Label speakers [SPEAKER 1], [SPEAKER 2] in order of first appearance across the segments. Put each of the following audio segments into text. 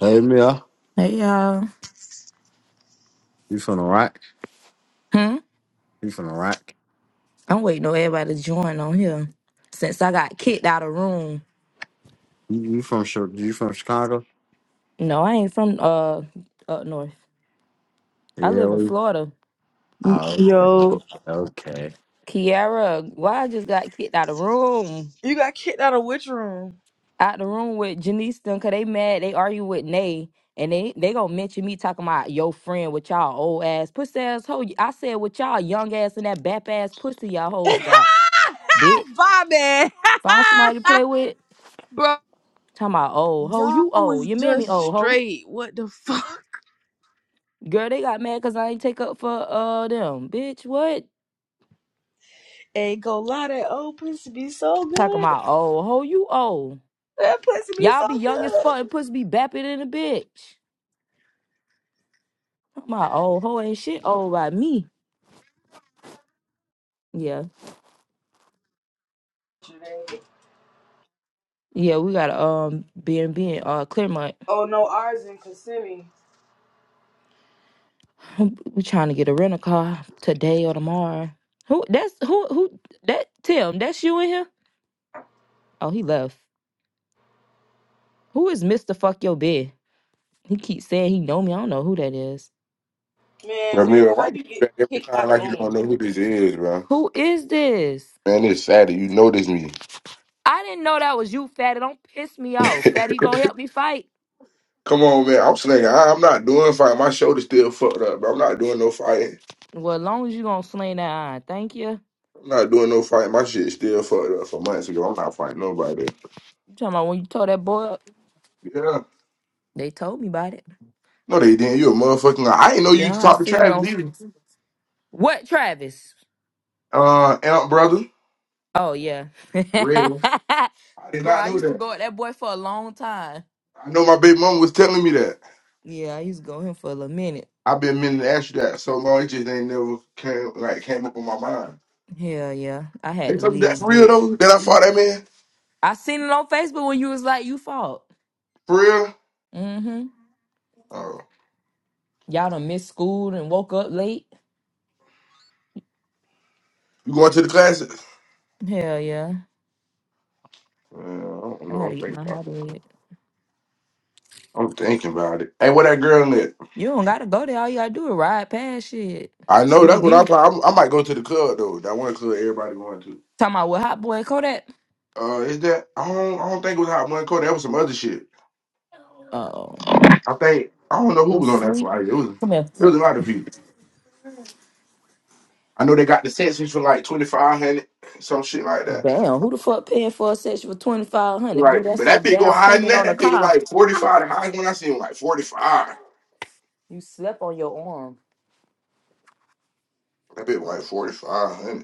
[SPEAKER 1] Hey Mia,
[SPEAKER 2] Hey y'all.
[SPEAKER 1] you from Iraq?
[SPEAKER 2] Hmm?
[SPEAKER 1] You from Iraq?
[SPEAKER 2] I'm waiting on everybody to join on here. Since I got kicked out of room.
[SPEAKER 1] You, you from Chi- you from Chicago?
[SPEAKER 2] No, I ain't from uh up north. I
[SPEAKER 1] Yeah.
[SPEAKER 2] live in
[SPEAKER 1] we-
[SPEAKER 2] Florida.
[SPEAKER 1] Oh,
[SPEAKER 3] Yo,
[SPEAKER 1] okay. Okay.
[SPEAKER 2] Kiara, why I just got kicked out of room.
[SPEAKER 3] You got kicked out of which room?
[SPEAKER 2] Out the room with Janice them cause they mad, they argue with Nay. And they they gonna mention me talking about your friend with y'all old ass pussy ass hoe. I said with y'all young ass and that bap ass pussy y'all hoes got. Bitch.
[SPEAKER 3] Bobby,
[SPEAKER 2] Find somebody to play with.
[SPEAKER 3] Bro,
[SPEAKER 2] Talking about old hoe,
[SPEAKER 3] y'all
[SPEAKER 2] you old.
[SPEAKER 3] was
[SPEAKER 2] Your mammy
[SPEAKER 3] just
[SPEAKER 2] old hoe.
[SPEAKER 3] straight. What the fuck?
[SPEAKER 2] Girl, they got mad because I ain't take up for uh them. Bitch, what?
[SPEAKER 3] Ain't gonna lie, that old pussy be so
[SPEAKER 2] Talking
[SPEAKER 3] good.
[SPEAKER 2] about old hoe, you old.
[SPEAKER 3] That pussy be
[SPEAKER 2] Y'all
[SPEAKER 3] so
[SPEAKER 2] be young as fuck and pussy be bapping in a bitch. My old hoe ain't shit old by me. Yeah.
[SPEAKER 3] good.
[SPEAKER 2] Yeah, we got a um B and B in uh Claremont.
[SPEAKER 3] Oh no, ours in Kissimmee.
[SPEAKER 2] We trying to get a rental car today or tomorrow. Who that's who who that Tim, that's you in here? Oh, he left. Who is Mr. Fuck Your Bed? He keeps saying he know me. I don't know who that is.
[SPEAKER 3] Man,
[SPEAKER 4] Ramiro,
[SPEAKER 3] Mila,
[SPEAKER 4] why
[SPEAKER 3] how
[SPEAKER 4] you
[SPEAKER 3] you
[SPEAKER 4] do
[SPEAKER 3] get
[SPEAKER 4] that every
[SPEAKER 3] kicked
[SPEAKER 4] time
[SPEAKER 3] out of
[SPEAKER 4] like you
[SPEAKER 3] room?
[SPEAKER 4] don't know who this is, bro?
[SPEAKER 2] Who is this?
[SPEAKER 4] Man, it's sad that you notice me.
[SPEAKER 2] I didn't know that was you, Fatty. Don't piss me off. Fatty, you gonna help me fight?
[SPEAKER 4] Come on, man. I'm slinging. I, I'm not doing fight. My shoulder's still fucked up, bro. I'm not doing no fighting.
[SPEAKER 2] Well, as long as you gonna sling that iron, thank you.
[SPEAKER 4] I'm not doing no fighting. My shit still fucked up from months ago. I'm not fighting nobody.
[SPEAKER 2] You talking about when you told that boy up?
[SPEAKER 4] Yeah.
[SPEAKER 2] They told me about it.
[SPEAKER 4] No, they didn't. You a motherfucking lie. I ain't know you
[SPEAKER 2] Yeah, I
[SPEAKER 4] talk to
[SPEAKER 2] seen it
[SPEAKER 4] Travis
[SPEAKER 2] on
[SPEAKER 4] either.
[SPEAKER 2] what Travis?
[SPEAKER 4] Uh, Amp brother.
[SPEAKER 2] Oh yeah.
[SPEAKER 4] Really? I did
[SPEAKER 2] Bro,
[SPEAKER 4] not
[SPEAKER 2] I
[SPEAKER 4] know
[SPEAKER 2] used to
[SPEAKER 4] that.
[SPEAKER 2] go at that boy for a long time.
[SPEAKER 4] I know my big mom was telling me that.
[SPEAKER 2] Yeah, I used to go with him for a little minute.
[SPEAKER 4] I've been meaning to ask you that so long. It just ain't never came like came up on my mind.
[SPEAKER 2] Hell yeah. I had
[SPEAKER 4] They
[SPEAKER 2] to
[SPEAKER 4] took that for
[SPEAKER 2] leave
[SPEAKER 4] real
[SPEAKER 2] it.
[SPEAKER 4] though. That I fought that man
[SPEAKER 2] I seen it on Facebook when you was like, you fought.
[SPEAKER 4] for real.
[SPEAKER 2] Mm-hmm.
[SPEAKER 4] Oh,
[SPEAKER 2] Y'all done missed school and woke up late.
[SPEAKER 4] you going to the classes?
[SPEAKER 2] Hell yeah.
[SPEAKER 4] Yeah, I don't
[SPEAKER 2] I
[SPEAKER 4] know.
[SPEAKER 2] had
[SPEAKER 4] I'm
[SPEAKER 2] to get
[SPEAKER 4] thinking
[SPEAKER 2] my
[SPEAKER 4] about it.
[SPEAKER 2] habit.
[SPEAKER 4] I'm thinking about it. Hey, what that girl at?
[SPEAKER 2] You don't gotta go there. All you gotta do is ride past shit.
[SPEAKER 4] I know
[SPEAKER 2] See the
[SPEAKER 4] that's what I
[SPEAKER 2] view.
[SPEAKER 4] probably. I might go to the club though. That one club everybody going to.
[SPEAKER 2] Talking about what hot boy Kodak?
[SPEAKER 4] Uh, is that? I don't. I don't think it was Hot One Code. That was some other shit.
[SPEAKER 2] Oh,
[SPEAKER 4] I think I don't know who
[SPEAKER 2] was
[SPEAKER 4] was on that
[SPEAKER 2] sleep.
[SPEAKER 4] flight. It was.
[SPEAKER 2] Come here.
[SPEAKER 4] It was a lot of people. I know they got the sessions for like twenty five hundred, some shit like that.
[SPEAKER 2] Damn, who the fuck paying for a session for twenty five hundred? Boo,
[SPEAKER 4] Right, but
[SPEAKER 2] that's a
[SPEAKER 4] that bitch go
[SPEAKER 2] down
[SPEAKER 4] higher than
[SPEAKER 2] payment
[SPEAKER 4] that.
[SPEAKER 2] on a
[SPEAKER 4] That bitch
[SPEAKER 2] car.
[SPEAKER 4] like forty five. The highest one I seen was like forty five.
[SPEAKER 2] You slept on your arm.
[SPEAKER 4] That bitch was like forty five hundred.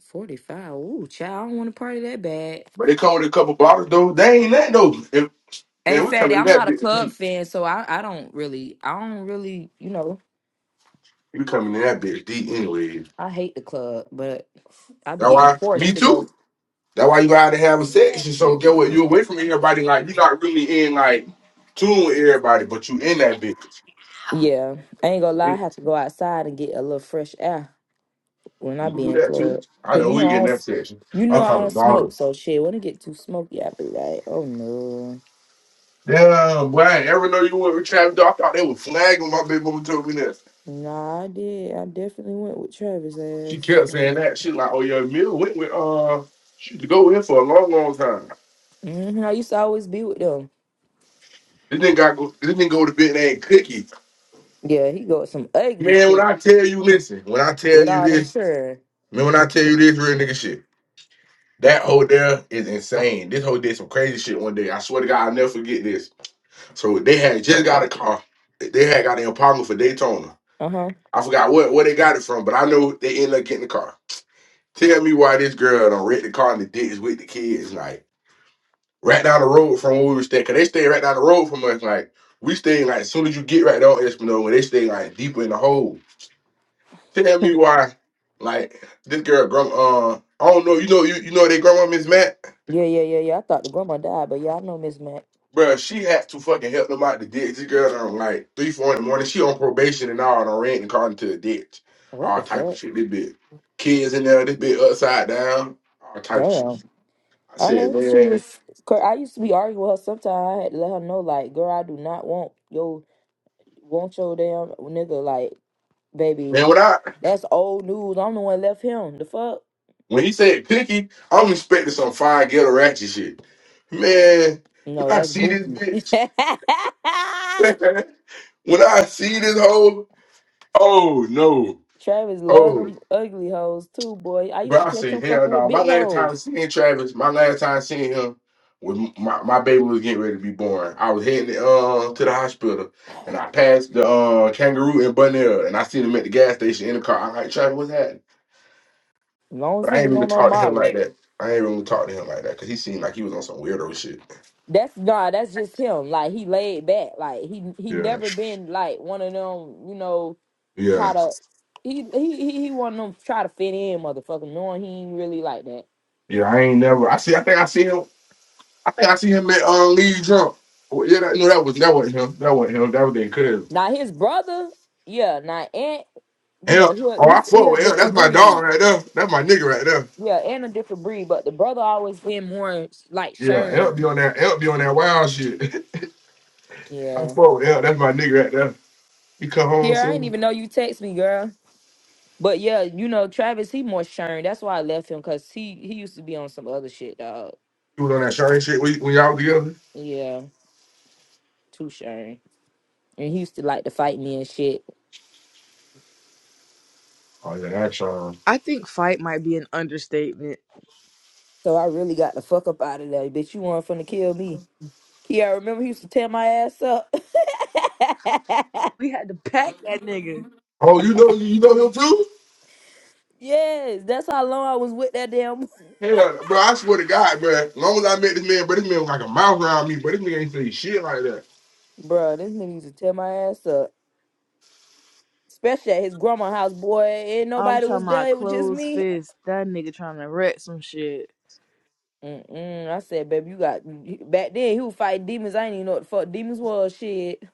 [SPEAKER 2] Forty five. Ooh, child, I don't want to party that bad.
[SPEAKER 4] But they come with a couple bottles though. They ain't that though. If,
[SPEAKER 2] Hey,
[SPEAKER 4] man, we
[SPEAKER 2] fatty,
[SPEAKER 4] coming in
[SPEAKER 2] I'm
[SPEAKER 4] that
[SPEAKER 2] not a
[SPEAKER 4] bitch
[SPEAKER 2] club
[SPEAKER 4] deep.
[SPEAKER 2] fan, so I, I don't really, I don't really, you know,
[SPEAKER 4] We coming in that bitch deep anyway.
[SPEAKER 2] I hate the club, but I be
[SPEAKER 4] That
[SPEAKER 2] getting
[SPEAKER 4] why me
[SPEAKER 2] forced to go.
[SPEAKER 4] too. That why you gotta have a section. So get what you away from everybody. Like you not really in like tune with everybody, but you in that bitch.
[SPEAKER 2] Yeah, I ain't gonna lie.
[SPEAKER 4] Yeah,
[SPEAKER 2] I have to go outside and get a little fresh air when I
[SPEAKER 4] You can
[SPEAKER 2] be
[SPEAKER 4] do
[SPEAKER 2] in
[SPEAKER 4] that too.
[SPEAKER 2] club.
[SPEAKER 4] I
[SPEAKER 2] Cause
[SPEAKER 4] know
[SPEAKER 2] you know
[SPEAKER 4] we get
[SPEAKER 2] I
[SPEAKER 4] in
[SPEAKER 2] don't,
[SPEAKER 4] that
[SPEAKER 2] s-
[SPEAKER 4] section.
[SPEAKER 2] you know
[SPEAKER 4] I'm
[SPEAKER 2] I don't
[SPEAKER 4] talking
[SPEAKER 2] smoke.
[SPEAKER 4] bottles.
[SPEAKER 2] So shit, when it get too smoky, I be like, oh no,
[SPEAKER 4] Yeah, boy, I ain't ever know you went with Travis. Though. I thought they were flagging my big mama told me that.
[SPEAKER 2] nah. I did. I definitely went with Travis
[SPEAKER 4] She
[SPEAKER 2] ass.
[SPEAKER 4] kept saying
[SPEAKER 2] so,
[SPEAKER 4] that. She like, oh yeah, Mill went with uh she to go in for a long, long time.
[SPEAKER 2] Mm-hmm. I used to always be with them.
[SPEAKER 4] This nigga got go, this nigga go to bed and cookie.
[SPEAKER 2] Yeah, he got some ugly
[SPEAKER 4] Man, when
[SPEAKER 2] shit
[SPEAKER 4] I tell you, listen, when I tell
[SPEAKER 2] with
[SPEAKER 4] you
[SPEAKER 2] all them
[SPEAKER 4] this,
[SPEAKER 2] children.
[SPEAKER 4] man, when I tell you this real nigga shit, that whole there is insane. This whole did some crazy shit one day. I swear to God, I'll never forget this. So they had just got a car. They had got an Impala for Daytona.
[SPEAKER 2] Uh huh.
[SPEAKER 4] I forgot what where they got it from, but I know they ended up getting the car. Tell me why this girl done wrecked the car in the ditch with the kids, like right down the road from where we were staying. Cause they stayed right down the road from us, like we stayed like as soon as you get right there on Esplanade, when they stayed like deeper in the hole. Tell me why, like this girl, grandma. Uh, I don't know. You know, you you know they grandma Miss Matt,
[SPEAKER 2] Yeah, yeah, yeah, yeah. I thought the grandma died, but yeah, I know Miss Mac.
[SPEAKER 4] Bruh, She had to fucking help them out the ditch. This girl on like three, four in the morning. She on probation and all, and on rent and caught into a ditch.
[SPEAKER 2] What
[SPEAKER 4] All
[SPEAKER 2] the
[SPEAKER 4] type of
[SPEAKER 2] fuck?
[SPEAKER 4] shit. This bitch, kids in there. This bitch upside down. All type of shit.
[SPEAKER 2] Damn.
[SPEAKER 4] I
[SPEAKER 2] I
[SPEAKER 4] said,
[SPEAKER 2] heard
[SPEAKER 4] man,
[SPEAKER 2] she was. Cause I used to be arguing with her. Sometimes I had to let her know, like, girl, I do not want your want your damn nigga. Like, baby,
[SPEAKER 4] man, when I
[SPEAKER 2] that's old news. I'm the one left him. The fuck?
[SPEAKER 4] when he said picky, I'm expecting some fire ghetto ratchet shit. Man, when
[SPEAKER 2] No,
[SPEAKER 4] I
[SPEAKER 2] that's
[SPEAKER 4] see this
[SPEAKER 2] Bookie.
[SPEAKER 4] bitch, when I see this hoe, oh no.
[SPEAKER 2] Travis love
[SPEAKER 4] oh.
[SPEAKER 2] them ugly hoes too, boy. I used
[SPEAKER 4] Bro,
[SPEAKER 2] to
[SPEAKER 4] I
[SPEAKER 2] catch him
[SPEAKER 4] said, hell
[SPEAKER 2] fucking with
[SPEAKER 4] no. My
[SPEAKER 2] big
[SPEAKER 4] last
[SPEAKER 2] hoes.
[SPEAKER 4] time seeing Travis, my last time seeing him, when my, my baby was getting ready to be born, I was heading uh, to the hospital and I passed the uh, kangaroo and Bunnell and I seen him at the gas station in the car. I'm like, Travis, what's happening?
[SPEAKER 2] As long as
[SPEAKER 4] But
[SPEAKER 2] he
[SPEAKER 4] I ain't
[SPEAKER 2] ain't
[SPEAKER 4] even
[SPEAKER 2] on no
[SPEAKER 4] talk to him
[SPEAKER 2] Molly.
[SPEAKER 4] like that. I ain't even talk to him like that because he seemed like he was on some weirdo shit.
[SPEAKER 2] That's nah, that's just him. Like he laid back. Like he he
[SPEAKER 4] Yeah.
[SPEAKER 2] never been like one of them, you know,
[SPEAKER 4] Yeah.
[SPEAKER 2] try to he he he he one of them try to fit in motherfucker, knowing he ain't really like that.
[SPEAKER 4] Yeah, I ain't never. I see, I think I see him. I think I see him at uh, Lee Jump. Well, yeah, that, no, that was that wasn't him. That wasn't him. That was their cousin.
[SPEAKER 2] Now his brother, yeah, now Aunt, you know,
[SPEAKER 4] Elk.
[SPEAKER 2] he a
[SPEAKER 4] Oh, I
[SPEAKER 2] his he
[SPEAKER 4] fuck
[SPEAKER 2] a
[SPEAKER 4] with Elk.
[SPEAKER 2] different
[SPEAKER 4] That's my
[SPEAKER 2] breed.
[SPEAKER 4] dog right there. That's my nigga right there.
[SPEAKER 2] Yeah, and a different breed, but the brother always been more like
[SPEAKER 4] Yeah,
[SPEAKER 2] Shern.
[SPEAKER 4] Elk be on that. Elk be on that wild shit. I
[SPEAKER 2] Yeah.
[SPEAKER 4] fuck with Elk. That's my nigga right there. He come home
[SPEAKER 2] Yeah, I didn't
[SPEAKER 4] soon.
[SPEAKER 2] even know you text me, girl. But yeah, you know, Travis, he more Shern. That's why I left him, cause he he used to be on some other shit, dog.
[SPEAKER 4] He was on that Charlie shit when, when y'all was together.
[SPEAKER 2] Yeah. too Shane. And he used to like to fight me and shit.
[SPEAKER 4] Oh yeah, that's Sean.
[SPEAKER 3] I think fight might be an understatement.
[SPEAKER 2] So I really got the fuck up out of there. Bitch, you weren't finna kill me. Yeah, I remember he used to tear my ass up.
[SPEAKER 3] We had to pack that nigga.
[SPEAKER 4] Oh, you know you know him too?
[SPEAKER 2] yes, that's how long I was with that damn boy.
[SPEAKER 4] Hell, bro, I swear to God, bro. As long as I met this man, bro, this man was like a mouth around me, but this nigga ain't say shit like that.
[SPEAKER 2] Bruh, this nigga used to tear my ass up. Especially at his grandma house, boy. Ain't
[SPEAKER 3] I'm
[SPEAKER 2] nobody was
[SPEAKER 3] talking
[SPEAKER 2] there.
[SPEAKER 3] about
[SPEAKER 2] It was just
[SPEAKER 3] closed
[SPEAKER 2] me.
[SPEAKER 3] fist. That nigga trying to wreck some shit.
[SPEAKER 2] Mm-mm. I said, baby, you got... Back then, he would fight demons. I ain't even know what the fuck demons was. Shit.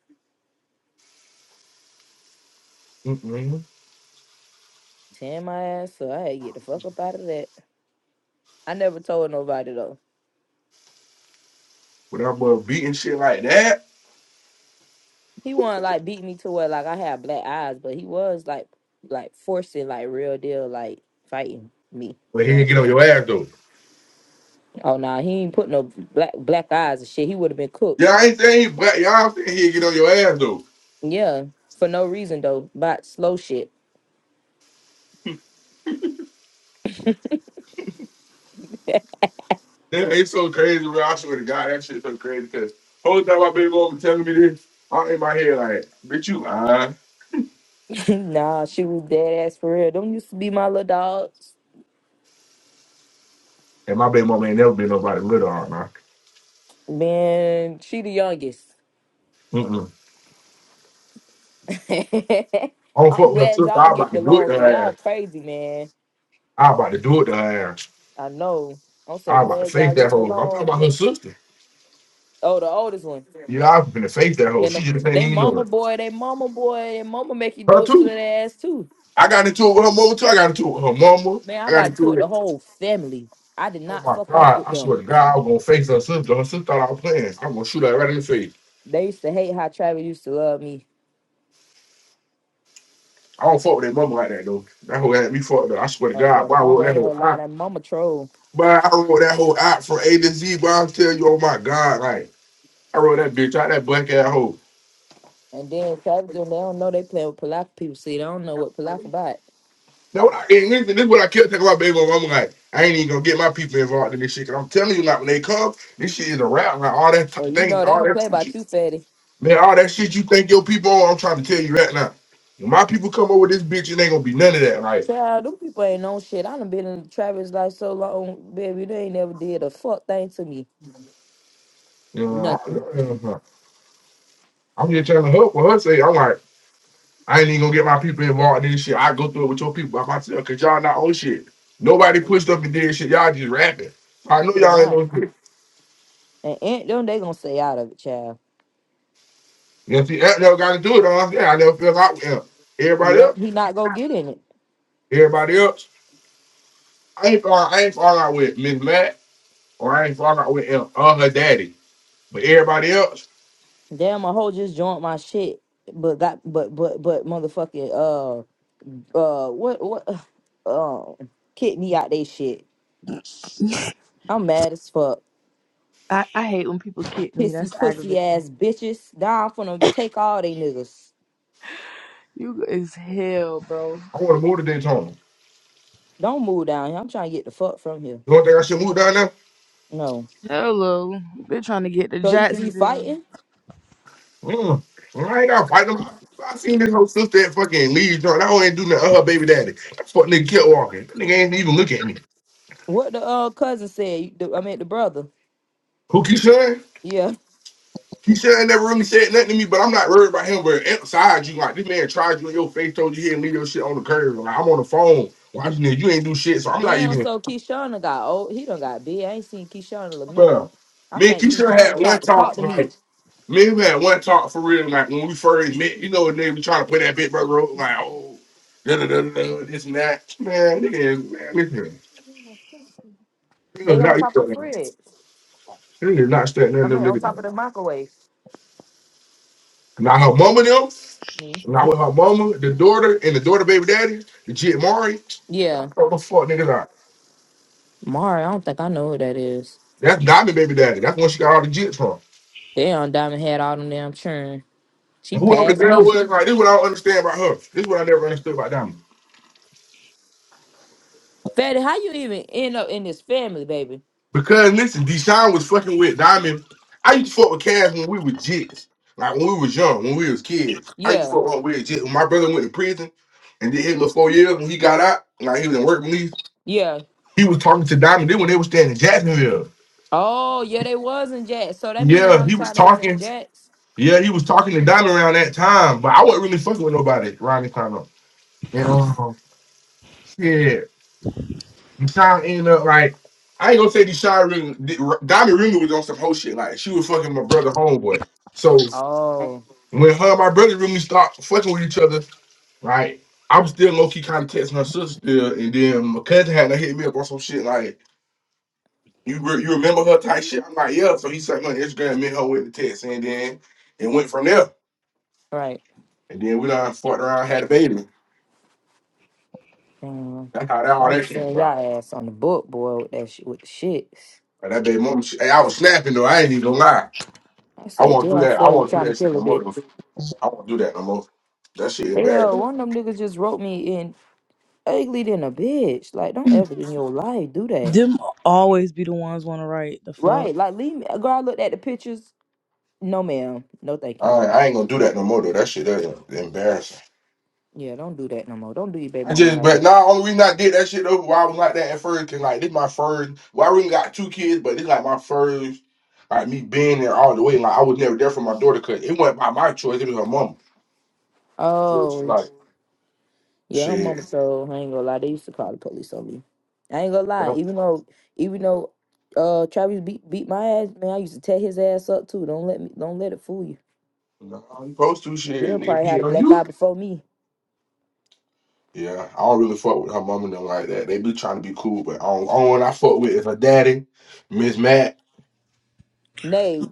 [SPEAKER 4] Mm-mm.
[SPEAKER 2] Tear my ass up. I had to get the fuck up out of that. I never told nobody, though.
[SPEAKER 4] But that boy beating shit like that.
[SPEAKER 2] He wanna like beat me to where like I had black eyes, but he was like like forcing like real deal like fighting me.
[SPEAKER 4] But he
[SPEAKER 2] Yeah.
[SPEAKER 4] didn't get on your ass though.
[SPEAKER 2] Oh nah, he ain't put no black black eyes and shit. He would have been cooked.
[SPEAKER 4] Yeah, I ain't saying he, but y'all saying he get on your ass though.
[SPEAKER 2] Yeah. For no reason though. But slow shit.
[SPEAKER 4] That ain't so crazy, bro. I swear to God, that shit's so crazy. Cause whole time my baby mama telling me this, I'm in my head like, bitch, you lying.
[SPEAKER 2] nah, she was dead ass for real. Them used to be my little dogs.
[SPEAKER 4] And my baby mama ain't never been nobody little on now.
[SPEAKER 2] Man, she the youngest.
[SPEAKER 4] Mm-mm. I don't fuck
[SPEAKER 2] I'm
[SPEAKER 4] with her
[SPEAKER 2] glad
[SPEAKER 4] sister.
[SPEAKER 2] y'all
[SPEAKER 4] I about
[SPEAKER 2] getting
[SPEAKER 4] to do it
[SPEAKER 2] along,
[SPEAKER 4] to
[SPEAKER 2] cause
[SPEAKER 4] her
[SPEAKER 2] y'all
[SPEAKER 4] ass.
[SPEAKER 2] crazy, man.
[SPEAKER 4] I about to do it to her ass.
[SPEAKER 2] I know. I'm so
[SPEAKER 4] I about to
[SPEAKER 2] glad
[SPEAKER 4] face
[SPEAKER 2] y'all
[SPEAKER 4] that
[SPEAKER 2] getting
[SPEAKER 4] hoe. I'm talking
[SPEAKER 2] along.
[SPEAKER 4] about her sister.
[SPEAKER 2] Oh, the oldest one.
[SPEAKER 4] You know, I've been to face that hoe.
[SPEAKER 2] And
[SPEAKER 4] She
[SPEAKER 2] the,
[SPEAKER 4] just ain't
[SPEAKER 2] they
[SPEAKER 4] even know
[SPEAKER 2] mama
[SPEAKER 4] it.
[SPEAKER 2] boy, they mama boy, and mama make you
[SPEAKER 4] Her
[SPEAKER 2] do it to
[SPEAKER 4] too.
[SPEAKER 2] their ass too.
[SPEAKER 4] I got into it with her mama too. I got into it with her mama.
[SPEAKER 2] Man,
[SPEAKER 4] I
[SPEAKER 2] I
[SPEAKER 4] got
[SPEAKER 2] gotta
[SPEAKER 4] into
[SPEAKER 2] talk the
[SPEAKER 4] it.
[SPEAKER 2] whole family. I did
[SPEAKER 4] Oh
[SPEAKER 2] not
[SPEAKER 4] my
[SPEAKER 2] fuck off
[SPEAKER 4] God.
[SPEAKER 2] with
[SPEAKER 4] I
[SPEAKER 2] them.
[SPEAKER 4] swear to God, I was gonna face her sister. Her sister thought I was playing. I'm gonna shoot her right in the face.
[SPEAKER 2] They used to hate how Travis used to love me.
[SPEAKER 4] I don't fuck with that mama like that though. That hoe had me fucked up. I swear to
[SPEAKER 2] Oh yeah,
[SPEAKER 4] God, boy,
[SPEAKER 2] the
[SPEAKER 4] I wrote
[SPEAKER 2] mama
[SPEAKER 4] that
[SPEAKER 2] ain't
[SPEAKER 4] whole
[SPEAKER 2] gonna lie,
[SPEAKER 4] act,
[SPEAKER 2] that mama troll.
[SPEAKER 4] But I wrote that whole act from A to Z, but I'll tell you, oh my God, like I wrote that bitch out that black ass hole.
[SPEAKER 2] And then Travis them, they don't know they playing with Palaf people. See, they don't know what Palaf about.
[SPEAKER 4] Now what I and listen, this is what I kept talking about baby mama like. I ain't even gonna get my people involved in this shit. Cause I'm telling you, like when they come, this shit is a rap. Like all that
[SPEAKER 2] Or
[SPEAKER 4] t-
[SPEAKER 2] you
[SPEAKER 4] thing,
[SPEAKER 2] know they
[SPEAKER 4] all
[SPEAKER 2] don't
[SPEAKER 4] that
[SPEAKER 2] play
[SPEAKER 4] shit
[SPEAKER 2] about
[SPEAKER 4] you-
[SPEAKER 2] you, fatty.
[SPEAKER 4] man, all that shit you think your people on, I'm trying to tell you right now. When my people come over with this bitch, it ain't gonna be none of that. Like,
[SPEAKER 2] Child, them people ain't known shit. I done been in Travis life so long, baby. They ain't never did a fuck thing to me.
[SPEAKER 4] you
[SPEAKER 2] Nothing.
[SPEAKER 4] know, I- I'm just trying to help for her say, I'm like. I ain't even gonna get my people involved in this shit. I go through it with your people by myself, cause y'all not on shit. Nobody pushed up and did shit. Y'all just rapping. I know
[SPEAKER 2] They
[SPEAKER 4] y'all ain't
[SPEAKER 2] not.
[SPEAKER 4] no shit.
[SPEAKER 2] And ain't them, they gonna stay out of it, child.
[SPEAKER 4] You know, see, that never got to do it. I'm saying I never fell out with him. Everybody else,
[SPEAKER 2] Yep, he not gonna get in it.
[SPEAKER 4] everybody else, I ain't fall, I ain't fall out with Miss Black or I ain't fall out with him or her daddy. But everybody else,
[SPEAKER 2] Damn, my hoe just joined my shit, but got but but but motherfucking uh uh what what um kick me out they shit. I'm mad as fuck.
[SPEAKER 3] I, I hate when people kick me.
[SPEAKER 2] Pissy
[SPEAKER 3] That's
[SPEAKER 2] pussy
[SPEAKER 3] aggravating.
[SPEAKER 2] ass bitches. Now I'm finna take all they niggas.
[SPEAKER 3] You is hell, bro.
[SPEAKER 4] I want to move to Daytona.
[SPEAKER 2] Don't move down here. I'm trying to get the fuck from here.
[SPEAKER 4] You don't think I should move down there?
[SPEAKER 2] No.
[SPEAKER 3] Hello. They're trying to get to
[SPEAKER 2] So you three
[SPEAKER 3] Jacksonville.
[SPEAKER 2] fighting?
[SPEAKER 4] Mm. Well, I ain't gotta fight them. I seen this whole sister at fucking Lee joint. I don't ain't do nothing. to Her baby daddy. That fuck nigga kept walking. That nigga ain't even look at me.
[SPEAKER 2] What the uh cousin said? you- The, I mean the brother.
[SPEAKER 4] Who Keyshawn?
[SPEAKER 2] Yeah.
[SPEAKER 4] Keyshawn ain't never really said nothing to me, but I'm not worried about him. But inside you, like this man tried you in your face, told you he didn't leave your shit on the curb. Like I'm on the phone watching it. You ain't do shit, so I'm not
[SPEAKER 2] Damn.
[SPEAKER 4] even.
[SPEAKER 2] So Keyshawn got old. He done got big. I ain't seen Keyshawn in a minute.
[SPEAKER 4] Bro,
[SPEAKER 2] I
[SPEAKER 4] me and
[SPEAKER 2] think
[SPEAKER 4] Keyshawn
[SPEAKER 2] Keyshawn
[SPEAKER 4] had
[SPEAKER 2] tried
[SPEAKER 4] one
[SPEAKER 2] to talk
[SPEAKER 4] talk.
[SPEAKER 2] to me.
[SPEAKER 4] Like me and him had one talk for real. Like when we first met, you know, and then we trying to play that big brother role. Like oh, da da da da, this and that. Man, nigga, is- man, listen. This
[SPEAKER 2] They
[SPEAKER 4] is
[SPEAKER 2] on
[SPEAKER 4] not,
[SPEAKER 2] top of the
[SPEAKER 4] this
[SPEAKER 2] fridge.
[SPEAKER 4] is not stuck none
[SPEAKER 2] I
[SPEAKER 4] of
[SPEAKER 2] mean,
[SPEAKER 4] them
[SPEAKER 2] on top of
[SPEAKER 4] niggas.
[SPEAKER 2] the microwave.
[SPEAKER 4] Not her mama them.
[SPEAKER 2] Mm.
[SPEAKER 4] Not with her mama, the daughter, and the daughter baby daddy, the jit Mari.
[SPEAKER 2] Yeah,
[SPEAKER 4] What the fuck niggas out?
[SPEAKER 2] Mari. I don't think I know who that is.
[SPEAKER 4] That's Diamond baby daddy. That's when she got all the jits from.
[SPEAKER 2] Damn, Diamond had all them damn churn.
[SPEAKER 4] And
[SPEAKER 2] She
[SPEAKER 4] whoever the
[SPEAKER 2] passed
[SPEAKER 4] girl
[SPEAKER 2] me.
[SPEAKER 4] was, like this is what I don't understand about her. This is what I never understood about Diamond.
[SPEAKER 2] Fatty, how you even end up in this family, baby?
[SPEAKER 4] Because listen, Deshaun was fucking with Diamond. I used to fuck with Cass when we were jits. Like when we was young, when we was kids. I used
[SPEAKER 2] Yeah,
[SPEAKER 4] to fuck with weird jits. When my brother went to prison and did his little four years when he got out, like he was in work release,
[SPEAKER 2] yeah.
[SPEAKER 4] he was talking to Diamond. Then when they was staying in Jacksonville.
[SPEAKER 2] Oh, yeah, they was in Jacks. So that mean
[SPEAKER 4] Yeah,
[SPEAKER 2] around
[SPEAKER 4] he
[SPEAKER 2] the
[SPEAKER 4] was
[SPEAKER 2] time they was in
[SPEAKER 4] talking.
[SPEAKER 2] Jacks.
[SPEAKER 4] Yeah, he was talking to Diamond around that time, but I wasn't really fucking with nobody around this time though. And um, yeah, Deshaun ended up like I ain't gonna say Deshaun really Diamond really was on some whole shit. Like she was fucking my brother homeboy. So
[SPEAKER 2] Oh,
[SPEAKER 4] when her and my brother really stopped fucking with each other, right? I was still low key kind of texting her sister still, and then my cousin had to hit me up on some shit like you re- you remember her type shit. I'm like yeah, so he sent me on Instagram, me and her with the text, and then it went from there.
[SPEAKER 2] right.
[SPEAKER 4] And then we done fucked around, had a baby.
[SPEAKER 2] Damn.
[SPEAKER 4] That's how that all
[SPEAKER 2] I be
[SPEAKER 4] that came
[SPEAKER 2] seeing
[SPEAKER 4] about.
[SPEAKER 2] y'all ass on the book, boy, with that sh- with the shits.
[SPEAKER 4] And that baby mama, she, hey, I was snapping though. I ain't even gonna lie.
[SPEAKER 2] I
[SPEAKER 4] I
[SPEAKER 2] said,
[SPEAKER 4] won't do
[SPEAKER 2] jail
[SPEAKER 4] that. I
[SPEAKER 2] Fatty
[SPEAKER 4] won't do
[SPEAKER 2] trying
[SPEAKER 4] that
[SPEAKER 2] to
[SPEAKER 4] shit
[SPEAKER 2] kill
[SPEAKER 4] no
[SPEAKER 2] a
[SPEAKER 4] more.
[SPEAKER 2] bitch.
[SPEAKER 4] Though. I won't do that no more. That shit
[SPEAKER 2] Yeah,
[SPEAKER 4] embarrassing.
[SPEAKER 2] one of them niggas just wrote me in ugly than a bitch. Like, don't ever in your life do that.
[SPEAKER 3] Them always be the ones want to write the fuck.
[SPEAKER 2] Right. Like leave me girl, I looked at the pictures. No ma'am. No thank
[SPEAKER 4] I,
[SPEAKER 2] you.
[SPEAKER 4] I ain't gonna do that no more though. That shit that embarrassing.
[SPEAKER 2] Yeah, don't do that no more. Don't do your baby
[SPEAKER 4] I
[SPEAKER 2] mama
[SPEAKER 4] just,
[SPEAKER 2] like
[SPEAKER 4] but
[SPEAKER 2] that.
[SPEAKER 4] nah, only reason I did that shit though, why I was like that at first, cause like this my first. Well, I really got two kids, but this like my first. Like me being there all the way, like I was never there for my daughter, cause it wasn't by my choice. It was her mama. So it's
[SPEAKER 2] Oh
[SPEAKER 4] like
[SPEAKER 2] yeah, her mama
[SPEAKER 4] shit.
[SPEAKER 2] told I ain't gonna lie, they used to call the police on me. I ain't gonna
[SPEAKER 4] You
[SPEAKER 2] lie,
[SPEAKER 4] know,
[SPEAKER 2] even though even though uh Travis beat beat my ass, man, I used to tear his ass up too. Don't let me don't let it fool you.
[SPEAKER 4] you supposed to shit,
[SPEAKER 2] He'll
[SPEAKER 4] nigga,
[SPEAKER 2] probably had
[SPEAKER 4] beating
[SPEAKER 2] a
[SPEAKER 4] on
[SPEAKER 2] black
[SPEAKER 4] you.
[SPEAKER 2] eye before me.
[SPEAKER 4] Yeah, I don't really fuck with her mom and them like that. They be trying to be cool, but on only one I fuck with is her daddy, Miss Matt.
[SPEAKER 2] Nay,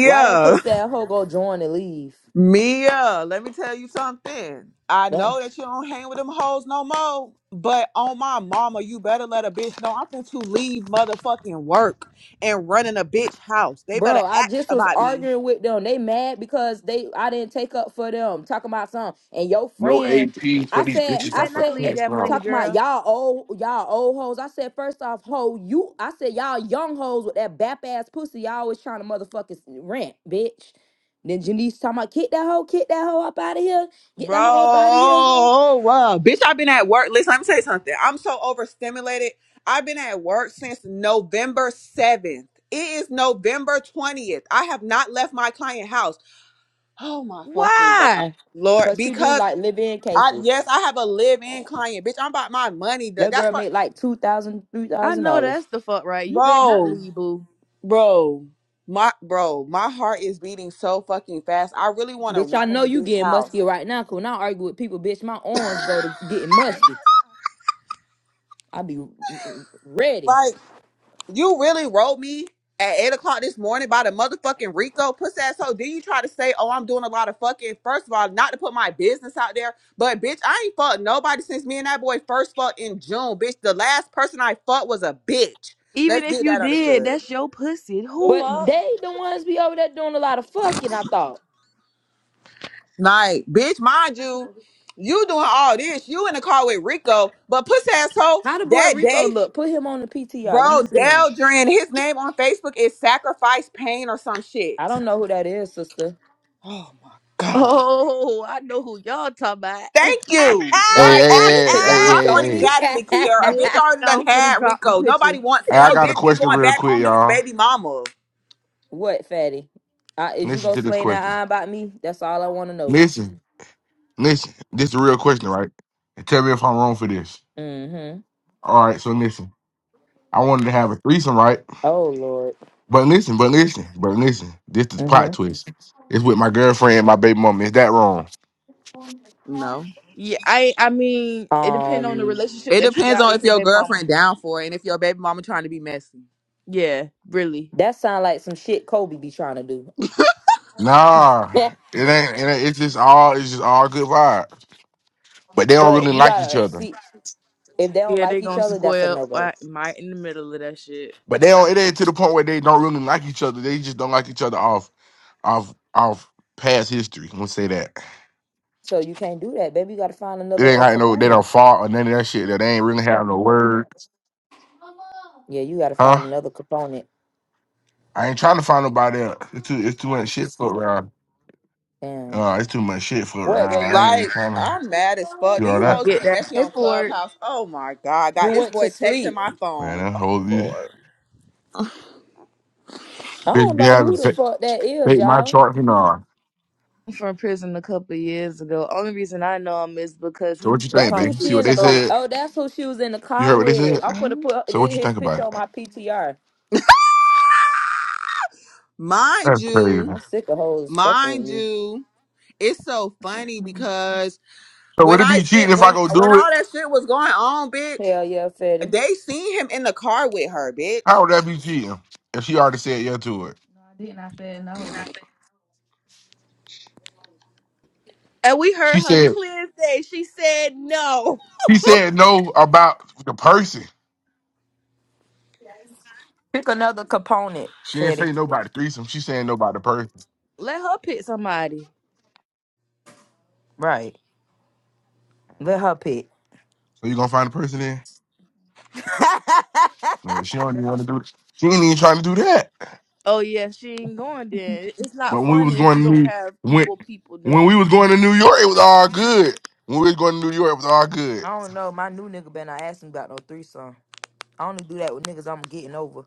[SPEAKER 2] why that pussy that hoe go join and leave?
[SPEAKER 5] Mia, let me tell you something. I
[SPEAKER 2] That
[SPEAKER 5] know that you don't hang with them hoes no more, but on my mama, you better let a bitch know I'm finna to leave motherfucking work and run in a bitch house. They better
[SPEAKER 2] Bro, I
[SPEAKER 5] ask
[SPEAKER 2] just was
[SPEAKER 5] about me.
[SPEAKER 2] arguing with them. They mad because they I didn't take up for them. Talking about something. And your
[SPEAKER 4] No
[SPEAKER 2] friend,
[SPEAKER 4] AP for
[SPEAKER 2] I
[SPEAKER 4] these
[SPEAKER 2] said,
[SPEAKER 3] You
[SPEAKER 4] bitches
[SPEAKER 2] I
[SPEAKER 3] better
[SPEAKER 4] up her
[SPEAKER 3] not
[SPEAKER 2] said eh,
[SPEAKER 3] leave
[SPEAKER 4] kids,
[SPEAKER 3] that
[SPEAKER 4] bro.
[SPEAKER 3] money,
[SPEAKER 2] talking about
[SPEAKER 3] girl.
[SPEAKER 2] y'all old y'all old hoes. I said, first off, hoe, you I said y'all young hoes with that bap ass pussy, y'all always trying to motherfucking rent, bitch. Then Janice talking about kick that hoe, kick that hoe up out of here, get
[SPEAKER 5] Bro,
[SPEAKER 2] that hoe up out of here.
[SPEAKER 5] uh, bitch, I've been at work. Listen, let me tell you something. I'm so overstimulated. I've been at work since November 7th. It is November 20th. I have not left my client house. Oh my fucking God.
[SPEAKER 3] Why?
[SPEAKER 5] Lord,
[SPEAKER 2] Cause she do
[SPEAKER 5] because
[SPEAKER 2] like live in
[SPEAKER 5] I
[SPEAKER 2] cases.
[SPEAKER 5] yes, I have a live-in client, bitch. I'm about my money. Th-
[SPEAKER 2] That
[SPEAKER 5] That's
[SPEAKER 2] girl
[SPEAKER 5] what,
[SPEAKER 2] made like two thousand, three
[SPEAKER 3] I
[SPEAKER 2] thousand
[SPEAKER 3] know
[SPEAKER 2] dollars.
[SPEAKER 3] that's the fuck right. You better not
[SPEAKER 5] bro,
[SPEAKER 3] leave, boo.
[SPEAKER 5] bro, my bro. My heart is beating so fucking fast. I really want to
[SPEAKER 2] Bitch, I
[SPEAKER 5] run in
[SPEAKER 2] know
[SPEAKER 5] the
[SPEAKER 2] you
[SPEAKER 5] bitch
[SPEAKER 2] getting
[SPEAKER 5] house.
[SPEAKER 2] musky right now. Cause when I argue with people, bitch, my arms go to getting musky. I be r- r- ready.
[SPEAKER 5] Like you really wrote me at eight o'clock this morning by the motherfucking Rico pussy ass. So then you try to say, oh, I'm doing a lot of fucking. First of all, not to put my business out there, but bitch, I ain't fucked nobody since me and that boy first fucked in June, bitch. The last person I fucked was a bitch.
[SPEAKER 3] Even
[SPEAKER 5] Let's
[SPEAKER 3] if
[SPEAKER 5] get
[SPEAKER 3] you
[SPEAKER 5] that
[SPEAKER 3] did,
[SPEAKER 5] understood.
[SPEAKER 3] that's your pussy.
[SPEAKER 5] The
[SPEAKER 3] Who?
[SPEAKER 2] But
[SPEAKER 5] fuck?
[SPEAKER 2] they the ones be over there doing a lot of fucking. I thought.
[SPEAKER 5] Like, bitch, mind you, you doing all this. You in the car with Rico, but puss asshole,
[SPEAKER 2] How the boy
[SPEAKER 5] that
[SPEAKER 2] Rico
[SPEAKER 5] day,
[SPEAKER 2] look? Put him on the PTR. Let
[SPEAKER 5] bro,
[SPEAKER 2] me see him.
[SPEAKER 5] Deldrin, his name on Facebook is Sacrifice Pain or some shit.
[SPEAKER 2] I don't know who that is, sister.
[SPEAKER 5] Oh my God.
[SPEAKER 3] Oh, I know who y'all talking about. Man,
[SPEAKER 5] Thank you.
[SPEAKER 4] Hey, hey,
[SPEAKER 5] Like a
[SPEAKER 4] hey,
[SPEAKER 2] Could
[SPEAKER 5] bitch,
[SPEAKER 4] hey,
[SPEAKER 2] y'all
[SPEAKER 4] hey,
[SPEAKER 5] my
[SPEAKER 4] hey,
[SPEAKER 5] point
[SPEAKER 2] show
[SPEAKER 4] hey.
[SPEAKER 2] me?
[SPEAKER 5] exactly, Kier. A bitch already done
[SPEAKER 3] I'm finna
[SPEAKER 5] had
[SPEAKER 3] drop the
[SPEAKER 5] Rico.
[SPEAKER 3] picture.
[SPEAKER 5] Nobody wants
[SPEAKER 4] Hey, I
[SPEAKER 5] him.
[SPEAKER 4] got a
[SPEAKER 5] Bitch, he
[SPEAKER 4] question
[SPEAKER 5] going
[SPEAKER 4] real
[SPEAKER 5] back
[SPEAKER 4] quick,
[SPEAKER 5] home to his
[SPEAKER 4] y'all.
[SPEAKER 5] baby mama.
[SPEAKER 2] what, fatty? Uh, is you
[SPEAKER 4] Listen
[SPEAKER 2] gonna
[SPEAKER 4] to this
[SPEAKER 2] slay that
[SPEAKER 4] question.
[SPEAKER 2] eye about me? That's all I want to know.
[SPEAKER 4] Listen, listen. This is a real question, right? And tell me if I'm wrong for this.
[SPEAKER 2] Mm-hmm.
[SPEAKER 4] All right, so listen. I wanted to have a threesome, right?
[SPEAKER 2] Oh Lord.
[SPEAKER 4] But listen, but listen, but listen. This is plot
[SPEAKER 2] Mm-hmm.
[SPEAKER 4] twist. It's with my girlfriend, and my baby mama. Is that wrong?
[SPEAKER 5] No.
[SPEAKER 3] Yeah, I I mean, it depends on the
[SPEAKER 2] Um,
[SPEAKER 3] relationship
[SPEAKER 5] It
[SPEAKER 3] that you
[SPEAKER 5] depends
[SPEAKER 3] got
[SPEAKER 5] on
[SPEAKER 3] with
[SPEAKER 5] if
[SPEAKER 3] your
[SPEAKER 5] your
[SPEAKER 3] baby mama.
[SPEAKER 5] girlfriend down for it and if your baby mama trying to be messy.
[SPEAKER 3] Yeah, really.
[SPEAKER 2] that sound like some shit Kobe be trying to do.
[SPEAKER 4] Nah, it ain't. It ain't it's just all. It's just all good vibes. But they don't
[SPEAKER 2] But
[SPEAKER 4] really
[SPEAKER 2] you
[SPEAKER 4] like each
[SPEAKER 2] gotta
[SPEAKER 4] other.
[SPEAKER 2] see if they don't
[SPEAKER 3] Yeah,
[SPEAKER 2] like
[SPEAKER 3] they
[SPEAKER 2] each
[SPEAKER 3] gonna
[SPEAKER 2] other, that's a
[SPEAKER 3] square up
[SPEAKER 2] no go.
[SPEAKER 3] right, right in the middle of that shit.
[SPEAKER 4] But they don't. It ain't to the point where they don't really like each other. They just don't like each other off off off past history. Let's say that.
[SPEAKER 2] So you can't do that, baby. You gotta find
[SPEAKER 4] It
[SPEAKER 2] another
[SPEAKER 4] ain't
[SPEAKER 2] a
[SPEAKER 4] like no. They
[SPEAKER 2] component.
[SPEAKER 4] don't fought or none of that shit. That they ain't really have no words,
[SPEAKER 2] Yeah, you gotta
[SPEAKER 4] huh?
[SPEAKER 2] find another component.
[SPEAKER 4] I ain't trying to find nobody else. It's too. It's too much shit for around.
[SPEAKER 2] Damn.
[SPEAKER 4] Uh, it's too much shit for
[SPEAKER 2] What,
[SPEAKER 4] around.
[SPEAKER 2] baby?
[SPEAKER 4] I ain't
[SPEAKER 5] Like,
[SPEAKER 4] trying to
[SPEAKER 5] I'm mad as fuck.
[SPEAKER 4] do
[SPEAKER 5] Do
[SPEAKER 4] all
[SPEAKER 5] you
[SPEAKER 4] that.
[SPEAKER 5] hoes
[SPEAKER 3] Get
[SPEAKER 5] being
[SPEAKER 3] that
[SPEAKER 5] messy on
[SPEAKER 3] paperwork
[SPEAKER 5] Clubhouse? Oh my god, I
[SPEAKER 2] You
[SPEAKER 5] got this
[SPEAKER 2] went to
[SPEAKER 5] boy texting
[SPEAKER 2] sleep.
[SPEAKER 5] my
[SPEAKER 4] Man,
[SPEAKER 5] phone.
[SPEAKER 4] that
[SPEAKER 5] Oh
[SPEAKER 4] whole you.
[SPEAKER 5] lord.
[SPEAKER 2] I
[SPEAKER 4] Big
[SPEAKER 2] don't
[SPEAKER 4] be
[SPEAKER 2] know
[SPEAKER 4] having
[SPEAKER 2] who the
[SPEAKER 4] fake,
[SPEAKER 2] fuck that is,
[SPEAKER 4] fake my
[SPEAKER 2] y'all.
[SPEAKER 4] charts, and all.
[SPEAKER 3] from prison a couple of years ago. Only reason I know him is because he
[SPEAKER 4] So what you
[SPEAKER 3] used to
[SPEAKER 4] think,
[SPEAKER 2] That's
[SPEAKER 3] come
[SPEAKER 2] who
[SPEAKER 4] babe?
[SPEAKER 3] through
[SPEAKER 4] See
[SPEAKER 2] she
[SPEAKER 3] the
[SPEAKER 4] what
[SPEAKER 2] in the
[SPEAKER 4] they
[SPEAKER 2] car.
[SPEAKER 3] store.
[SPEAKER 4] said.
[SPEAKER 2] Oh, that's who she was in the
[SPEAKER 4] You heard
[SPEAKER 2] car
[SPEAKER 4] what they said?
[SPEAKER 2] with. I'm gonna put
[SPEAKER 4] So what you
[SPEAKER 2] his
[SPEAKER 4] think about
[SPEAKER 2] picture on
[SPEAKER 4] it?
[SPEAKER 2] my PTR.
[SPEAKER 5] Mind
[SPEAKER 4] That's crazy.
[SPEAKER 5] you,
[SPEAKER 2] I'm sick of hoes fucking with
[SPEAKER 5] mind
[SPEAKER 2] me.
[SPEAKER 5] you, it's so funny because
[SPEAKER 4] So would
[SPEAKER 5] when
[SPEAKER 4] it
[SPEAKER 5] I
[SPEAKER 4] be cheating
[SPEAKER 5] sent
[SPEAKER 4] if I
[SPEAKER 5] when
[SPEAKER 4] go
[SPEAKER 5] when
[SPEAKER 4] do it?
[SPEAKER 5] all that shit was going on, bitch,
[SPEAKER 2] Hell yeah, Fetty.
[SPEAKER 5] they seen him in the car with her,
[SPEAKER 4] How
[SPEAKER 5] bitch.
[SPEAKER 4] would that be cheating? If she already said yeah to it.
[SPEAKER 3] And we
[SPEAKER 4] She
[SPEAKER 3] heard her
[SPEAKER 4] said
[SPEAKER 3] clear as day. She said no.
[SPEAKER 4] she said no about the person.
[SPEAKER 2] Pick another component,
[SPEAKER 4] She didn't
[SPEAKER 2] Fetty.
[SPEAKER 4] say no about the threesome. She saying no about the person.
[SPEAKER 3] Let her pick somebody.
[SPEAKER 2] Right. Let her pick.
[SPEAKER 4] So you gonna find the person there? Well, She don't even want to do. it. She ain't even trying to do that.
[SPEAKER 3] Oh yeah, she ain't going then. It's not
[SPEAKER 4] But when we
[SPEAKER 3] fun
[SPEAKER 4] was
[SPEAKER 3] if
[SPEAKER 4] going
[SPEAKER 3] you
[SPEAKER 4] to
[SPEAKER 3] don't
[SPEAKER 4] New
[SPEAKER 3] have
[SPEAKER 4] when
[SPEAKER 3] equal people doing
[SPEAKER 4] when we
[SPEAKER 3] it.
[SPEAKER 4] was going to New York, it was all good. When we was going to New York, it was all good.
[SPEAKER 2] I don't know. My new nigga been not asking about no threesome. I only do that with niggas I'm getting over.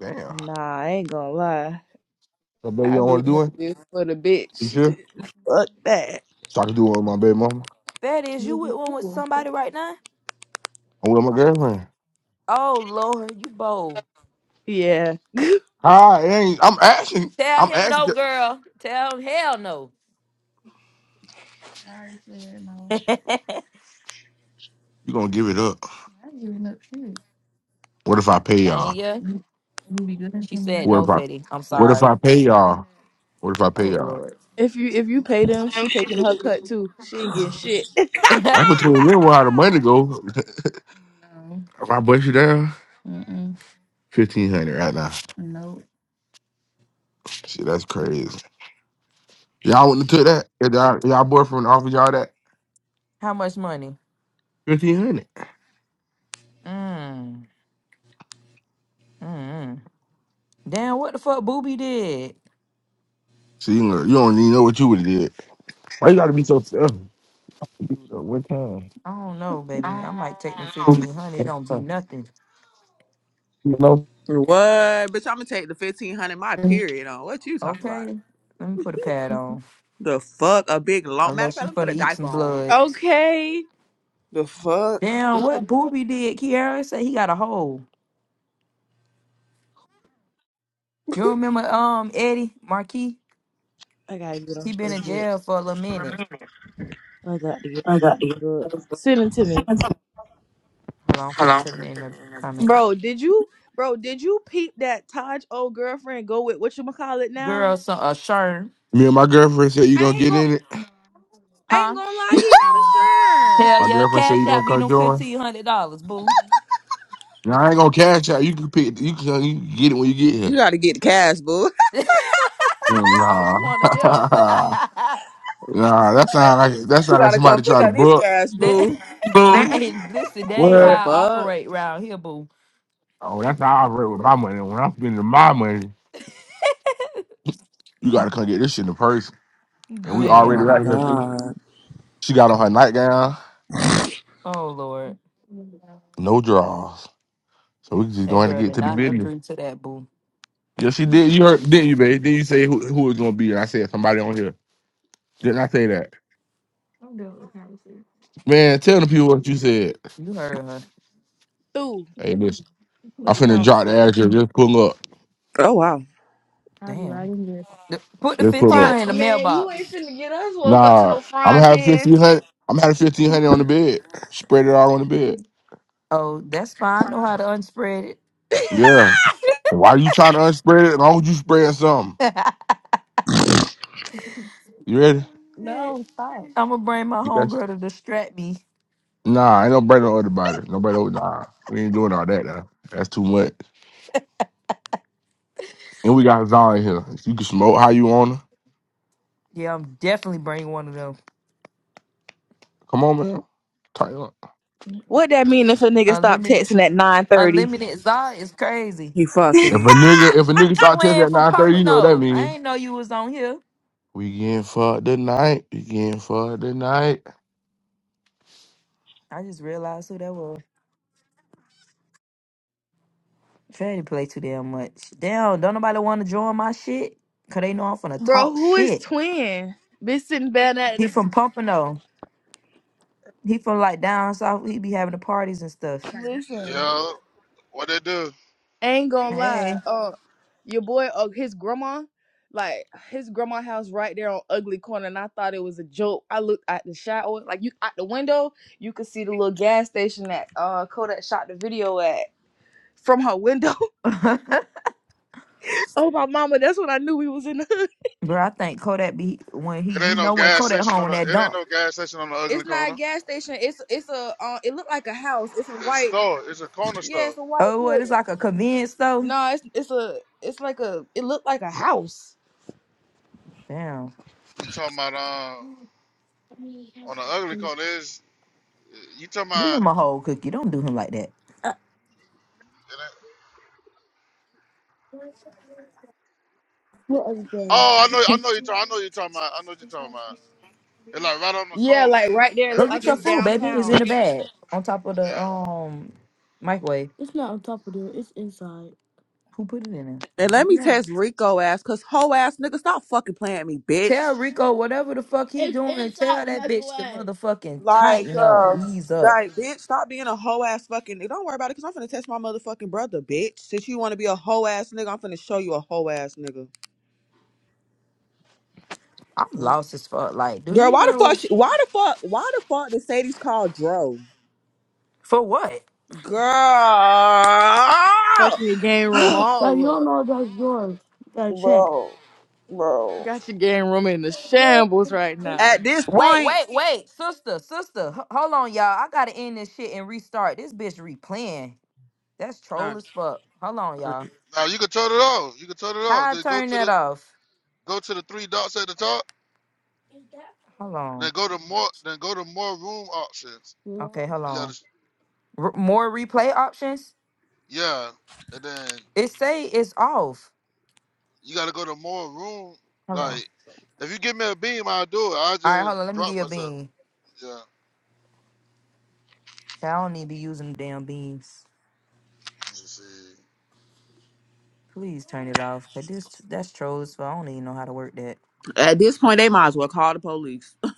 [SPEAKER 4] Damn.
[SPEAKER 3] Nah, I ain't gonna lie.
[SPEAKER 4] So baby, you
[SPEAKER 3] I
[SPEAKER 4] don't
[SPEAKER 3] be
[SPEAKER 4] want to do
[SPEAKER 3] happy
[SPEAKER 4] it?
[SPEAKER 3] for the
[SPEAKER 4] You
[SPEAKER 3] bitch.
[SPEAKER 4] sure?
[SPEAKER 3] Fuck that.
[SPEAKER 4] So I can do it with my baby mama.
[SPEAKER 2] Fat is you with one with somebody right now?
[SPEAKER 4] I'm with my girlfriend.
[SPEAKER 2] Oh Lord, you bold.
[SPEAKER 3] Yeah.
[SPEAKER 4] Hi, it ain't, I'm asking.
[SPEAKER 2] Tell
[SPEAKER 4] I'm
[SPEAKER 2] him no,
[SPEAKER 4] asking.
[SPEAKER 2] girl. Tell him hell no.
[SPEAKER 4] You gonna give it up? What if I pay
[SPEAKER 2] Dang
[SPEAKER 4] y'all?
[SPEAKER 2] ya. She said
[SPEAKER 4] What
[SPEAKER 2] no,
[SPEAKER 4] if I?
[SPEAKER 2] Fetty. I'm
[SPEAKER 4] What if I
[SPEAKER 2] sorry.
[SPEAKER 4] pay y'all? What if I pay
[SPEAKER 2] Oh
[SPEAKER 4] y'all?
[SPEAKER 2] Lord.
[SPEAKER 3] If you if you pay them, she taking her cut too. She ain't getting shit.
[SPEAKER 4] That's between them where the money go. if I bust you down, fifteen hundred right now. Shit, that's crazy. Y'all wouldn't have took that. If y'all, if y'all boyfriend offered y'all that
[SPEAKER 2] How much money?
[SPEAKER 4] fifteen hundred.
[SPEAKER 2] Mm. Mm. mm. Damn, what the fuck Booby did?
[SPEAKER 4] See, you don't you don't even know what you would have did. Why you gotta be so selfish? One time,
[SPEAKER 2] I don't know, baby. I might take them
[SPEAKER 4] you
[SPEAKER 2] fifteen hundred. It don't be nothing.
[SPEAKER 4] know.
[SPEAKER 5] What? Bitch, I'm gonna take the fifteen hundred my period on. What you talking about?
[SPEAKER 2] Okay. Let me put a pad on.
[SPEAKER 5] The fuck? A big long matter of
[SPEAKER 2] Unless
[SPEAKER 5] fact,
[SPEAKER 2] you
[SPEAKER 5] let me put
[SPEAKER 2] finna
[SPEAKER 5] a
[SPEAKER 2] eat
[SPEAKER 5] diaper
[SPEAKER 2] some
[SPEAKER 5] on.
[SPEAKER 2] blood.
[SPEAKER 3] okay.
[SPEAKER 5] The fuck?
[SPEAKER 2] Damn, what Booby did, Kiara said he got a hole. You remember um Eddie Marquis?
[SPEAKER 3] I gotta get on
[SPEAKER 2] He been in
[SPEAKER 3] Facebook.
[SPEAKER 2] jail for a little minute.
[SPEAKER 3] I got to get
[SPEAKER 5] I got
[SPEAKER 3] on
[SPEAKER 5] you.
[SPEAKER 3] Facebook. Send it to me.
[SPEAKER 2] Hold on, I'm finna put it in the
[SPEAKER 5] Hello.
[SPEAKER 2] comments.
[SPEAKER 3] Bro, did you bro, did you peep that Taj old girlfriend go with what you call it now?
[SPEAKER 2] Girl, some a shirt,
[SPEAKER 4] Me and my girlfriend said you gonna
[SPEAKER 3] I ain't
[SPEAKER 4] get
[SPEAKER 3] gonna
[SPEAKER 4] in it.
[SPEAKER 3] I ain't
[SPEAKER 2] huh?
[SPEAKER 3] gonna lie, he not a sherm.
[SPEAKER 2] Hell
[SPEAKER 4] My
[SPEAKER 2] yeah,
[SPEAKER 4] girlfriend said you
[SPEAKER 2] cash
[SPEAKER 4] gonna
[SPEAKER 2] out be
[SPEAKER 4] come
[SPEAKER 2] them
[SPEAKER 4] join.
[SPEAKER 2] fifteen hundred dollars, boo.
[SPEAKER 4] Nah, I ain't gonna cash out. You can pick. You can, you can get it when you get here.
[SPEAKER 5] You gotta get the cash, boo.
[SPEAKER 4] Mm,
[SPEAKER 2] oh, you
[SPEAKER 4] Nah,
[SPEAKER 2] one of them? that,
[SPEAKER 4] nah. That sound like that
[SPEAKER 5] You
[SPEAKER 4] sound like
[SPEAKER 5] gotta
[SPEAKER 4] somebody
[SPEAKER 5] come pick
[SPEAKER 4] trying to
[SPEAKER 5] up this
[SPEAKER 4] book.
[SPEAKER 5] cash, boo.
[SPEAKER 4] Boom.
[SPEAKER 2] hey, listen, that ain't
[SPEAKER 5] The
[SPEAKER 4] What?
[SPEAKER 2] how I
[SPEAKER 5] fuck?
[SPEAKER 2] operate round here, boo.
[SPEAKER 4] Oh, that's how I operate with my money. When I'm spending my money, you gotta come get this shit in the purse. And we
[SPEAKER 5] Oh
[SPEAKER 4] already
[SPEAKER 2] Damn.
[SPEAKER 5] my
[SPEAKER 4] right here. too.
[SPEAKER 5] god.
[SPEAKER 4] She got on her nightgown,
[SPEAKER 2] Oh Lord,
[SPEAKER 4] no drawers. So we just
[SPEAKER 2] that
[SPEAKER 4] going to
[SPEAKER 2] girl
[SPEAKER 4] get
[SPEAKER 2] did
[SPEAKER 4] to the
[SPEAKER 2] not
[SPEAKER 4] business.
[SPEAKER 2] agree to that, boo.
[SPEAKER 4] Yeah, she did. You heard, didn't you, babe? Then you say who who it's gonna be, and I said somebody on here. Didn't I say that? Man, tell the people what you said.
[SPEAKER 2] You heard her.
[SPEAKER 3] Dude,
[SPEAKER 4] Hey, listen, I'm
[SPEAKER 3] with the
[SPEAKER 4] finna drop
[SPEAKER 3] conversation.
[SPEAKER 4] the address. Just pull up.
[SPEAKER 5] Oh wow.
[SPEAKER 2] Damn. The- Put the
[SPEAKER 4] They pull
[SPEAKER 3] Fry,
[SPEAKER 4] up.
[SPEAKER 2] 1500 in the
[SPEAKER 3] man, you ain't
[SPEAKER 2] mailbox.
[SPEAKER 3] finna get us woke up to
[SPEAKER 4] Nah,
[SPEAKER 3] no
[SPEAKER 4] I'm
[SPEAKER 3] frying
[SPEAKER 4] gonna have
[SPEAKER 3] pan.
[SPEAKER 4] fifteen hundred. I'm gonna have fifteen hundred on the bed. Spread it all on the bed.
[SPEAKER 2] Oh, that's fine. I know how to unspread it.
[SPEAKER 4] Yeah. Why you trying to unspread it? As long as you spread something. You ready?
[SPEAKER 2] I'm gonna bring my
[SPEAKER 4] You got
[SPEAKER 2] homegirl
[SPEAKER 4] you.
[SPEAKER 2] to distract me.
[SPEAKER 4] Nah, ain't no bread on everybody. No bread over. Nah, we ain't doing all that. Now. That's too much. And we got Zion here. You can smoke how you wanna.
[SPEAKER 2] Yeah, I'm definitely bringing one of them.
[SPEAKER 4] Come on, man. Tighten up.
[SPEAKER 3] What that mean if a nigga stop
[SPEAKER 2] Unlimited,
[SPEAKER 3] texting at nine thirty?
[SPEAKER 2] unlimited Zod is crazy.
[SPEAKER 5] He
[SPEAKER 4] If a
[SPEAKER 5] fucking.
[SPEAKER 4] nigga, if a nigga start texting
[SPEAKER 2] Playing
[SPEAKER 4] at
[SPEAKER 2] for
[SPEAKER 4] nine thirty,
[SPEAKER 2] Papa
[SPEAKER 4] you know what that
[SPEAKER 2] No. I
[SPEAKER 4] mean.
[SPEAKER 2] ain't know you was on here.
[SPEAKER 4] We getting fucked tonight. We getting fucked tonight.
[SPEAKER 2] I just realized who that was. Fanny play too damn much. Damn, don't nobody want to join my shit? Cause they know I'm finna
[SPEAKER 3] Bro,
[SPEAKER 2] talk
[SPEAKER 3] who is
[SPEAKER 2] shit.
[SPEAKER 3] twin? Been sitting down at
[SPEAKER 2] He
[SPEAKER 3] the
[SPEAKER 2] from Pompano. He from like down south. He be having the parties and stuff.
[SPEAKER 3] listen.
[SPEAKER 6] Yeah, what they do?
[SPEAKER 3] Ain't gonna lie.
[SPEAKER 2] Hey.
[SPEAKER 3] Uh your boy uh, his grandma, like his grandma house right there on ugly corner, and I thought it was a joke. I looked at the shower, like you out the window, you could see the little gas station that uh Kodak shot the video at from her window. oh my mama, that's when I knew we was in the hood.
[SPEAKER 2] Bro, I think Kodak be when he
[SPEAKER 6] It
[SPEAKER 2] you
[SPEAKER 6] ain't no
[SPEAKER 2] know when
[SPEAKER 6] gas
[SPEAKER 2] Kodak
[SPEAKER 6] station
[SPEAKER 2] home
[SPEAKER 6] on
[SPEAKER 2] when
[SPEAKER 6] the.
[SPEAKER 2] that
[SPEAKER 6] It ain't
[SPEAKER 2] dump.
[SPEAKER 6] no gas station on the ugly
[SPEAKER 3] It's not a
[SPEAKER 6] corner.
[SPEAKER 3] gas station, it's it's a uh, it looked like a house. It's a
[SPEAKER 6] It's
[SPEAKER 3] white
[SPEAKER 6] store. It's a corner
[SPEAKER 3] yeah,
[SPEAKER 6] store.
[SPEAKER 3] it's a white
[SPEAKER 2] Oh what it's
[SPEAKER 3] building.
[SPEAKER 2] like a convenience store.
[SPEAKER 3] No, it's it's a it's like a it looked like a house.
[SPEAKER 2] Damn.
[SPEAKER 6] You talking about um
[SPEAKER 2] Leave
[SPEAKER 6] on the ugly corner? Is you talking about?
[SPEAKER 2] him a whole cookie. Don't do him like that.
[SPEAKER 6] It ain't, oh, I know. I know you. talk- I know you talking about. I know what you talking about. It's like right on the
[SPEAKER 3] Yeah,
[SPEAKER 6] corner.
[SPEAKER 3] like right there,
[SPEAKER 6] Yeah,
[SPEAKER 3] it
[SPEAKER 2] Go
[SPEAKER 3] looked
[SPEAKER 6] look
[SPEAKER 2] get
[SPEAKER 3] like
[SPEAKER 6] at
[SPEAKER 2] your
[SPEAKER 3] it's
[SPEAKER 6] this shit.
[SPEAKER 2] food, baby. It's in
[SPEAKER 3] downtown.
[SPEAKER 2] the bag. On top of the
[SPEAKER 6] Yeah.
[SPEAKER 2] um microwave. Who put it in
[SPEAKER 5] And let me
[SPEAKER 2] there?
[SPEAKER 5] text Rico ass, cause hoe ass nigga, stop fucking playing at me,
[SPEAKER 2] Tell
[SPEAKER 5] bitch.
[SPEAKER 2] Rico whatever the fuck he doing. and tell that bitch to motherfucking
[SPEAKER 5] Like,
[SPEAKER 2] tighten up,
[SPEAKER 5] uh,
[SPEAKER 2] ease up.
[SPEAKER 5] like, bitch, stop being a hoe ass fucking. nigga. Don't worry about it, cause I'm finna text my motherfucking brother, bitch. Since you wanna be a hoe ass nigga, I'm finna show you a hoe ass nigga.
[SPEAKER 2] I'm lost as fuck. Like, do
[SPEAKER 5] Girl,
[SPEAKER 2] these
[SPEAKER 5] why the fuck? She,
[SPEAKER 2] hoes
[SPEAKER 5] why the fuck? Why the fuck did Sadie's call Dro?
[SPEAKER 2] for what?
[SPEAKER 5] Girl,
[SPEAKER 3] Fucking your game room
[SPEAKER 2] But you
[SPEAKER 3] all
[SPEAKER 2] don't
[SPEAKER 3] up.
[SPEAKER 2] know those doors. You gotta check.
[SPEAKER 5] bro, bro.
[SPEAKER 3] Got your game room in the shambles right now.
[SPEAKER 5] At this
[SPEAKER 2] Wait,
[SPEAKER 5] point,
[SPEAKER 2] wait, wait, sister, sister. h- Hold on, y'all. I gotta end this shit and restart. This bitch replaying. That's
[SPEAKER 5] uh,
[SPEAKER 2] troll as fuck. Hold on,
[SPEAKER 5] uh,
[SPEAKER 2] y'all.
[SPEAKER 6] Now you can turn it off. You can turn it off.
[SPEAKER 2] How I
[SPEAKER 6] Just go
[SPEAKER 2] turn
[SPEAKER 6] to
[SPEAKER 2] that
[SPEAKER 6] the
[SPEAKER 2] off?
[SPEAKER 6] go to the three dots at the top.
[SPEAKER 2] Hold
[SPEAKER 6] Then
[SPEAKER 2] on.
[SPEAKER 6] go to more. Then go to more room options.
[SPEAKER 2] No. Okay, hold
[SPEAKER 6] You gotta.
[SPEAKER 2] on. R- more replay options.
[SPEAKER 6] Yeah. And then
[SPEAKER 2] It say it's off.
[SPEAKER 6] You gotta go to more room.
[SPEAKER 2] Hold on.
[SPEAKER 6] Like, if you give me a beam, I'll do it. I'll
[SPEAKER 2] All right, hold
[SPEAKER 6] just
[SPEAKER 2] on. Let me
[SPEAKER 6] drop
[SPEAKER 2] get your
[SPEAKER 6] myself.
[SPEAKER 2] bean.
[SPEAKER 6] Yeah.
[SPEAKER 2] Child, I don't need to be using damn beans.
[SPEAKER 6] Let me see.
[SPEAKER 2] Please turn it off. Cause this that's trolls. But I don't even know how to work that.
[SPEAKER 5] at this point, they might as well call the police.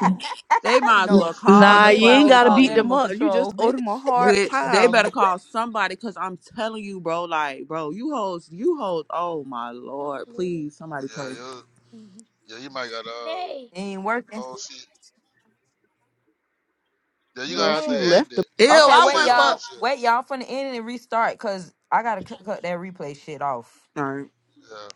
[SPEAKER 3] N-
[SPEAKER 5] They might as
[SPEAKER 2] no,
[SPEAKER 5] well call
[SPEAKER 2] bitch,
[SPEAKER 3] Nah,
[SPEAKER 5] the
[SPEAKER 2] they
[SPEAKER 3] you
[SPEAKER 2] might
[SPEAKER 3] ain't
[SPEAKER 2] well
[SPEAKER 5] fucking
[SPEAKER 3] gotta
[SPEAKER 2] call
[SPEAKER 3] beat them
[SPEAKER 5] police,
[SPEAKER 2] animal
[SPEAKER 3] up. You
[SPEAKER 2] control,
[SPEAKER 3] just owe
[SPEAKER 2] bitch.
[SPEAKER 3] them a hard
[SPEAKER 5] bitch. They better
[SPEAKER 3] time,
[SPEAKER 5] call somebody, cause I'm telling you, bro. Like, bro, you hoes, you hoes. Oh my lord, please, somebody pray.
[SPEAKER 6] Yeah, you yeah, you might gotta uh,
[SPEAKER 2] Nay. Ain't working.
[SPEAKER 6] oh shit. Yeah, you
[SPEAKER 3] bro.
[SPEAKER 6] gotta have to
[SPEAKER 3] She
[SPEAKER 2] Nay.
[SPEAKER 3] left
[SPEAKER 6] end it.
[SPEAKER 5] Ew,
[SPEAKER 6] Cause I
[SPEAKER 2] Okay,
[SPEAKER 6] don't
[SPEAKER 5] I
[SPEAKER 6] see
[SPEAKER 2] wait,
[SPEAKER 6] it
[SPEAKER 5] went for.
[SPEAKER 6] on your
[SPEAKER 2] y'all.
[SPEAKER 5] All
[SPEAKER 6] shit.
[SPEAKER 2] Wait, y'all. I'm finna end it and restart because I gotta cu- cut that replay shit off.
[SPEAKER 5] right.
[SPEAKER 6] Yeah.